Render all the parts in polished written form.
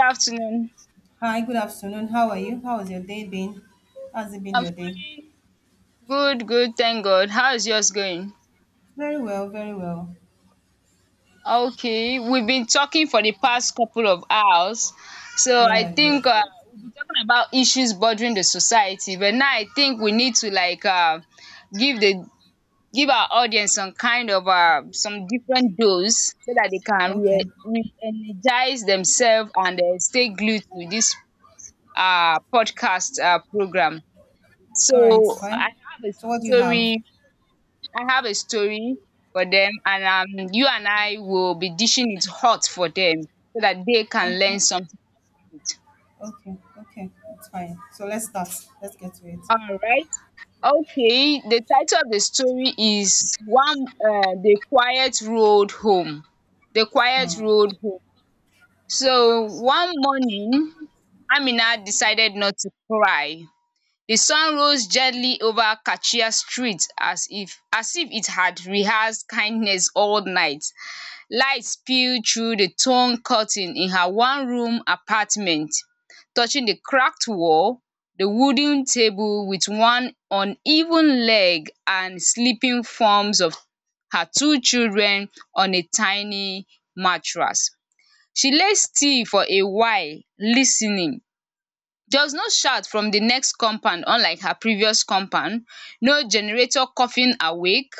Afternoon. Hi, good afternoon. How are you? How has your day been? How's it been I'm your day? fine. Good, good. Thank God. How is yours going? Very well, very well. Okay, we've been talking for the past couple of hours, so I Yes, yes, think yes. we've been talking about issues bothering the society. But now I think we need to like give the give our audience some kind of some different dose so that they can Okay. Re-energize themselves and stay glued to this podcast program. All right, it's So fine. So what do you have? story I have a story for them and you and I will be dishing it hot for them so that they can learn Okay. something. Okay. Okay. It's fine. So let's start. Let's get to it. Alright. Okay, the title of the story is one The Quiet Road Home. The Quiet Hmm. Road Home. So one morning, Amina decided not to cry. The sun rose gently over Kachia Street as if it had rehearsed kindness all night. Light spilled through the torn curtain in her one room apartment, touching the cracked wall, the wooden table with one uneven leg and sleeping forms of her two children on a tiny mattress. She lay still for a while, listening. There was no shout from the next compound, unlike her previous compound, no generator coughing awake,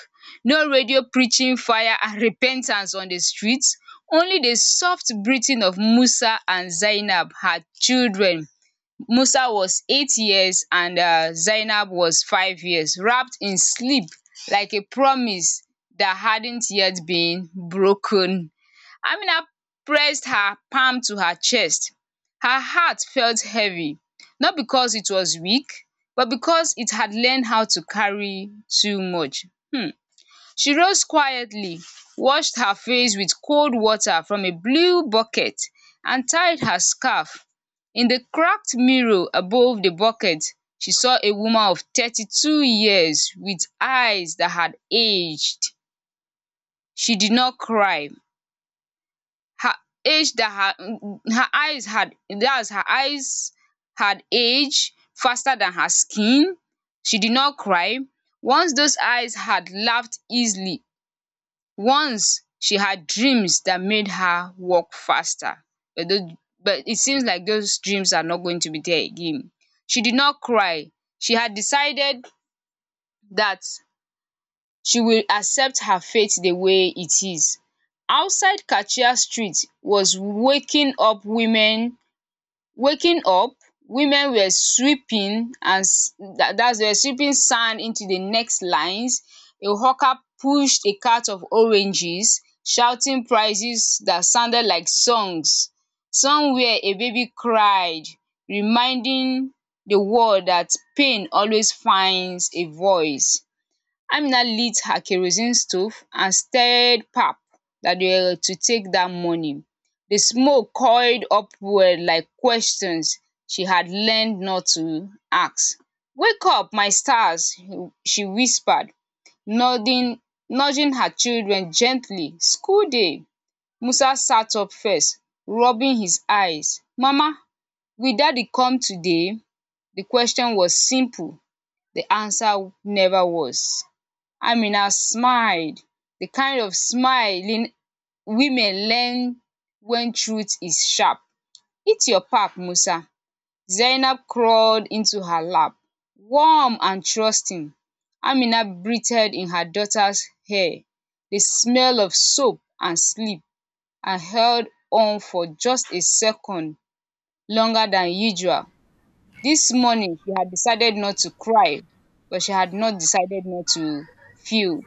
no radio preaching fire and repentance on the streets, only the soft breathing of Musa and Zainab, her children. Musa was 8 years and Zainab was 5 years, wrapped in sleep like a promise that hadn't yet been broken. Amina pressed her palm to her chest. Her heart felt heavy, not because it was weak, but because it had learned how to carry too much. Hmm. She rose quietly, washed her face with cold water from a blue bucket, and tied her scarf. In the cracked mirror above the bucket, she saw a woman of 32 years with eyes that had aged. She did not cry her age that her her eyes had that's her eyes had aged faster than her skin. She did not cry. Once those eyes had laughed easily. Once she had dreams that made her walk faster. But those but it seems like those dreams are not going to be there again. She did not cry. She had decided that she will accept her fate the way it is. Outside Kachiya Street was waking up, waking up women were sweeping and that's were sweeping sand into the next lines. A hawker pushed a cart of oranges, shouting prices that sounded like songs. Somewhere a baby cried, reminding the world that pain always finds a voice. Amina lit her kerosene stove and stirred pap that they were to take that morning. The smoke coiled upward like questions she had learned not to ask. Wake up, my stars, she whispered, nodding, nudging her children gently. School day. Musa sat up first, rubbing his eyes. Mama, will daddy come today? The question was simple. The answer never was. Amina smiled. The kind of smiling women learn when truth is sharp. Eat your pap, Musa. Zainab crawled into her lap, warm and trusting. Amina breathed in her daughter's hair, the smell of soap and sleep, and held on for just a second longer than usual. This morning, she had decided not to cry, but she had not decided not to feel.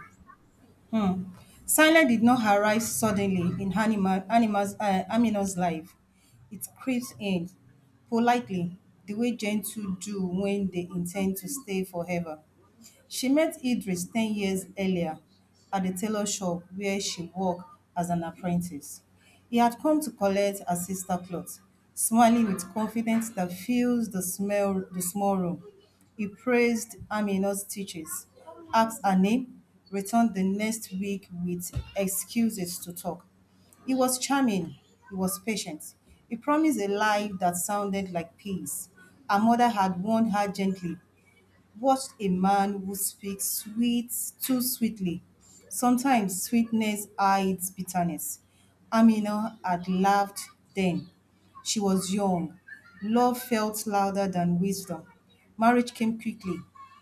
Hmm. Silence did not arise suddenly in Amina's life. It creeps in politely, the way gentle do when they intend to stay forever. She met Idris 10 years earlier at the tailor shop where she worked as an apprentice. He had come to collect her sister cloth, smiling with confidence that fills the small room. He praised Amina's teachers, asked her name, returned the next week with excuses to talk. He was charming. He was patient. He promised a life that sounded like peace. Her mother had warned her gently what a man who speaks sweet too sweetly. Sometimes sweetness hides bitterness. Amina had laughed then. She was young. Love felt louder than wisdom. Marriage came quickly.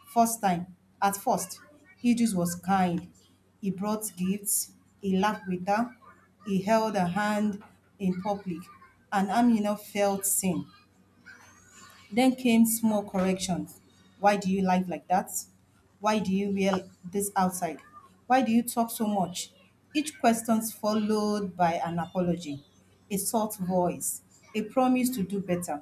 At first, Idris was kind. He brought gifts. He laughed with her. He held her hand in public. And Amina felt seen. Then came small corrections. Why do you lie like that? Why do you wear this outside? Why do you talk so much? Each question followed by an apology, a soft voice, a promise to do better.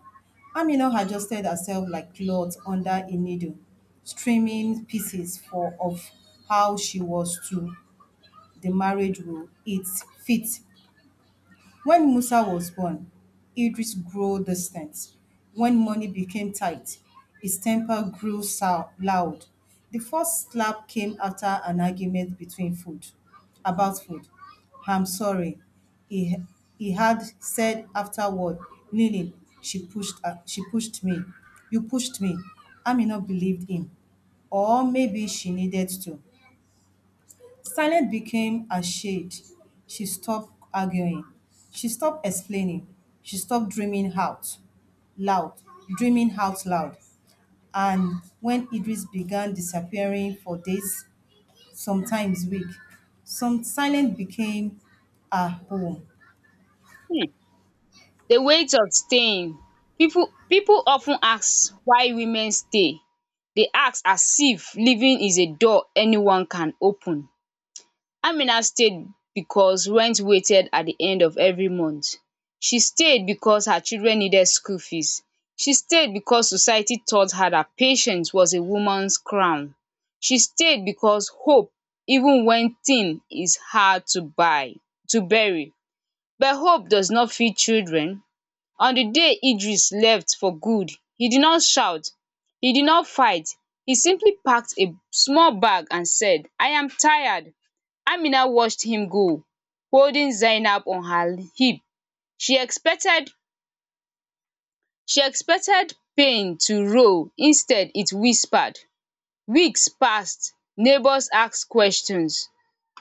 Amina adjusted herself like cloth under a needle, streaming pieces for of how she was to the marriage will it fit when Musa was born, Idris grew distant. When money became tight, his temper loud. The first slap came after an argument between food about food. I'm sorry, he, he had said afterward, kneeling. She pushed me. You pushed me. Amina believed him. Or maybe she needed to. Silence became a shade. She stopped arguing. She stopped explaining. She stopped dreaming out loud, dreaming out loud. And when Idris began disappearing for days, sometimes weeks, some silence became a home. Hmm. The weight of staying. People of ten ask why women stay. They ask as if leaving is a door anyone can open. Amina stayed because rent waited at the end of every month. She stayed because her children needed school fees. She stayed because society taught her that patience was a woman's crown. She stayed because hope, even when thin, is hard to buy to bury. But hope does not feed children. On di day Idris left for good, he did not shout, he did not fight. He simply packed a small bag and said, I am tired. Amina watched him go, holding Zainab on her hip. she expected she expected pain to roll, instead it whispered. Weeks passed, neighbours asked questions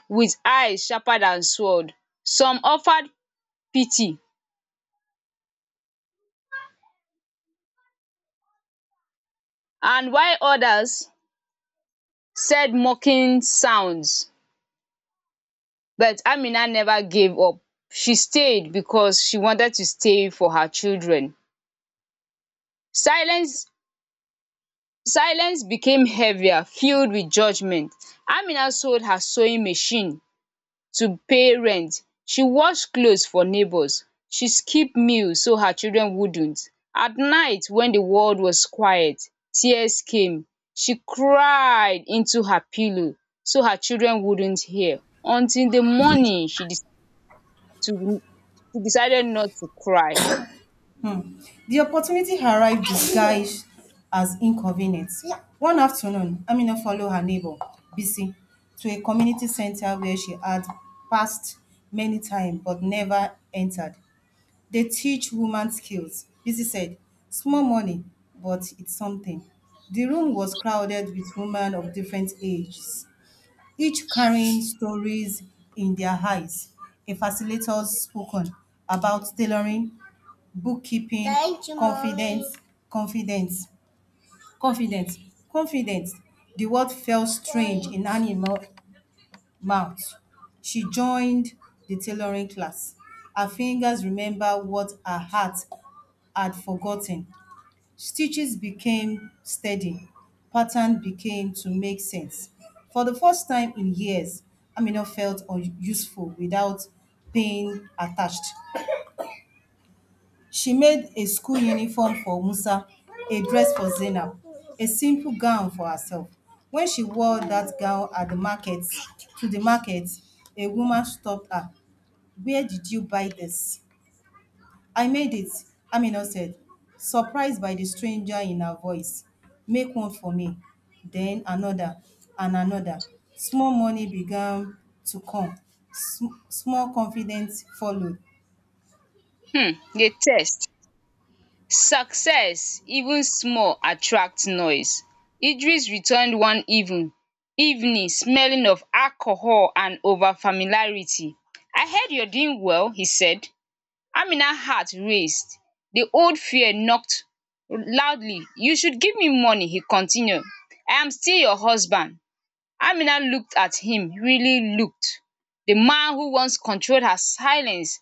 with eyes sharper than sword. Some offered pity, and while others said mocking sounds. But Amina never gave up. She stayed because she wanted to stay for her children. Silence Silence became heavier, filled with judgment. Amina sold her sewing machine to pay rent. She washed clothes for neighbors. She skipped meals so her children wouldn't. At night when the world was quiet, tears came. She cried into her pillow so her children wouldn't hear. Until the morning she to he decided not to cry. The opportunity arrived disguised as inconvenience. One afternoon, Amina followed her neighbor, Bisi, to a community center where she had passed many times but never entered. They teach woman skills, Bisi said. Small money, but it's something. The room was crowded with women of different ages, each carrying stories in their eyes. A facilitator spoke on about tailoring, bookkeeping, confidence, confidence, confidence, confidence. The word felt strange in mouth. She joined the tailoring class. Her fingers remembered what her heart had forgotten. Stitches became steady. Pattern became to make sense. For the first time in years, useful without being attached. She made a school uniform for Musa, a dress for Zainab, a simple gown for herself. When she wore that gown at the market, to the market, a woman stopped her. Where did you buy this? I made it, Amina said, surprised by the stranger in her voice. Make one for me, then another, and another. Small money began to come. Small confidence followed. Di text, success, even small, attracts noise. Idris returned one evening, smelling of alcohol and over familiarity. I heard you're doing well, he said. Amina's heart raced, the old fear knocked loudly. You should give me money, he continued, I am still your husband. Amina looked at him, really looked, the man who once controlled her silence.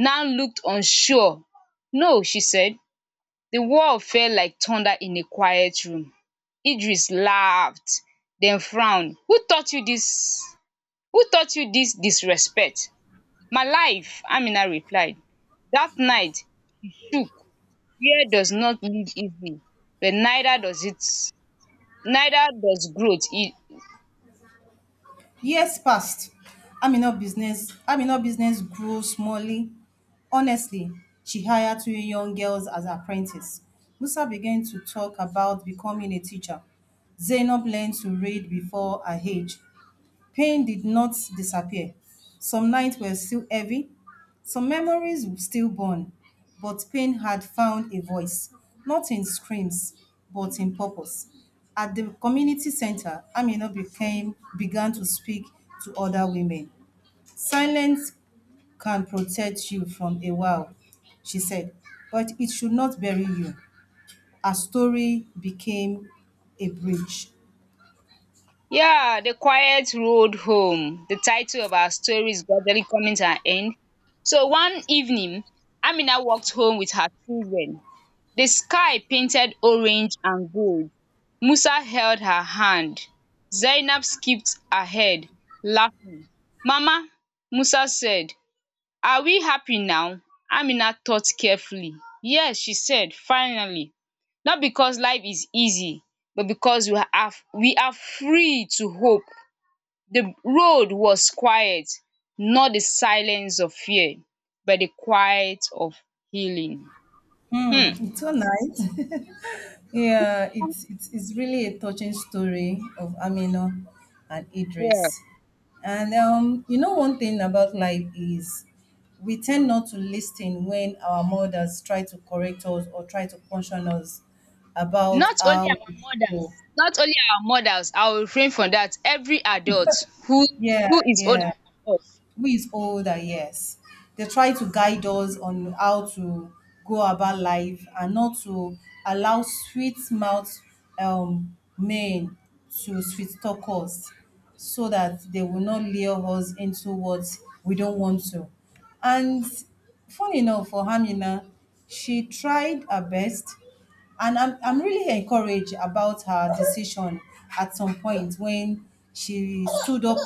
Nan looked unsure. No, she said. The wall fell like thunder in a quiet room. Idris laughed, then frowned. Who taught you this? Who taught you this disrespect? My life, Amina replied. That night shook. Fear does not live easily, but neither does growth. Years passed. Amina business grew smally. Honestly, she hired two young girls as apprentices. Musa began to talk about becoming a teacher. Zainab learned to read before her age. Pain did not disappear. Some nights were still heavy, some memories were still born, but pain had found a voice, not in screams, but in purpose. At the community center, Amina became began to speak to other women. Silence can protect you from a while, she said, but it should not bury you. Her story became a bridge. Yeah, the quiet road home. The title of our story is gradually coming to an end. So one evening, Amina walked home with her children. The sky painted orange and gold. Musa held her hand. Zainab skipped ahead, laughing. Mama, Musa said, "Are we happy now?" Amina thought carefully. "Yes," she said, finally. "Not because life is easy, but because we are free to hope." The road was quiet, not the silence of fear, but the quiet of healing. Hmm. It's was night. Yeah, it's really a touching story of Amina and Yeah. Idris. And you know one thing about life is we tend not to listen when our mothers try to correct us or try to caution us about how we should go. Not only our mothers, I will refrain from that. Every adult Yeah, who is older yeah. than us. Who is older, yes. They try to guide us on how to go about life and not to allow sweet mouth men to sweet talk us so that they will not lure us into what we don't want to. And funny enough for Hamina, she tried her best and I'm really encouraged about her decision at some point when she stood up.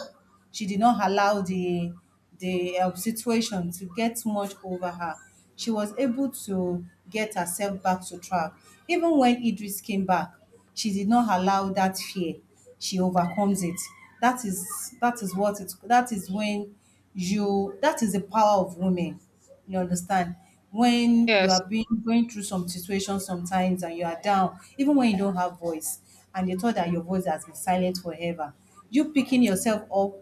She did not allow the situation to get too much over her. She was able to get herself back to track. Even when Idris came back, she did not allow that fear. She overcomes it. That is what it that is when you That is the power of women, you understand? When you Yes. are being going through some situation sometimes and you are down, even when you don't have voice, and you thought that your voice has been silent forever, you picking yourself up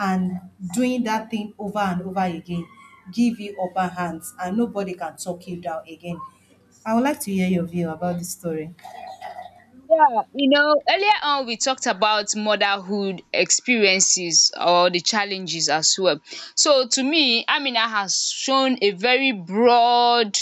and doing that thing over and over again, give you upper hands, and nobody can talk you down again. I would like to hear your view about this story. Yeah, you know, earlier on we talked about motherhood experiences or the challenges as well. So to me, Amina has shown a very broad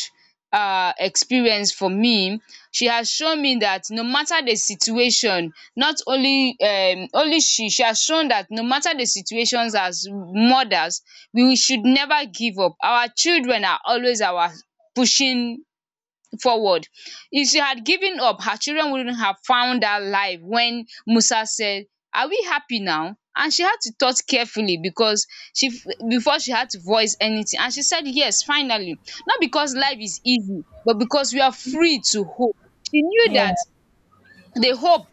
experience for me. She has shown me that no matter the situation, not only only she has shown that no matter the situations as mothers, we should never give up. Our children are always our pushing forward. If she had given up, her children wouldn't have found that life when Musa said, Are we happy now? And she had to thought carefully because she before she had to voice anything. And she said, Yes, finally. Not because life is easy, but because we are free to hope. She knew Yeah, that I the hope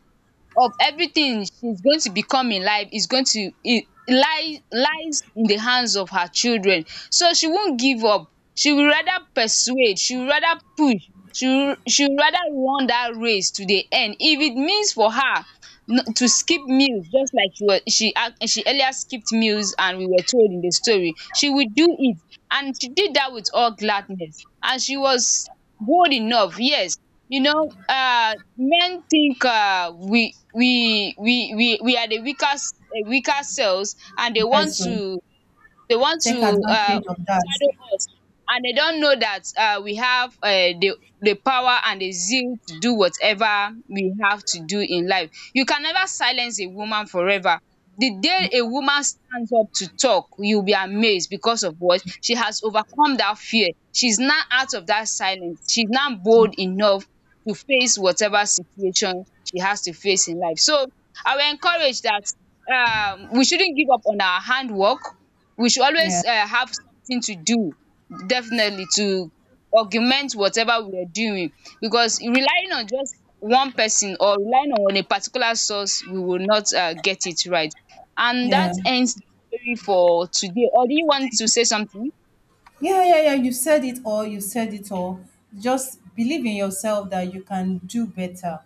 of everything she's going to become in life is going to it lie lies in the hands of her children, so she won't give up. She will rather persuade, she will rather push, she will rather run that race to the end. If it means for her to skip meals, just like she was she ac- she earlier skipped meals and we were told in the story, she will do it. And she did that with all gladness. And she was bold enough. Yes. You know, men think we are the weaker selves, and they want so to take advantage of that. overshadow us, and they don't know that we have the power and the zeal to do whatever we have to do in life. You can never silence a woman forever. The day a woman stands up to talk, you'll be amazed because of what? She has overcome that fear. She's now out of that silence. She's now bold enough to face whatever situation she has to face in life. So I will encourage that we shouldn't give up on our handwork. We should Yeah, always have something to do, definitely, to augment whatever we are doing, because relying on just one person or relying on a particular source, we will not get it right. And that yeah. ends the story for today, or do you So want to say something? yeah, yeah, yeah. You said it all. You said it all. Just believe in yourself that you can do better.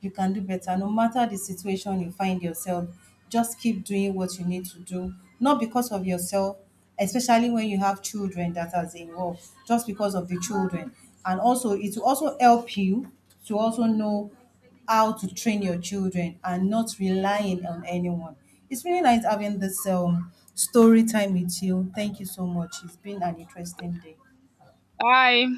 You can do better. No matter the situation you find yourself, just keep doing what you need to do. Not because of yourself, especially when you have children that are involved, just because of the children. And also, it will also help you to also know how to train your children and not relying on anyone. It's really nice having this story time with you. Thank you so much. It's been an interesting day. Bye.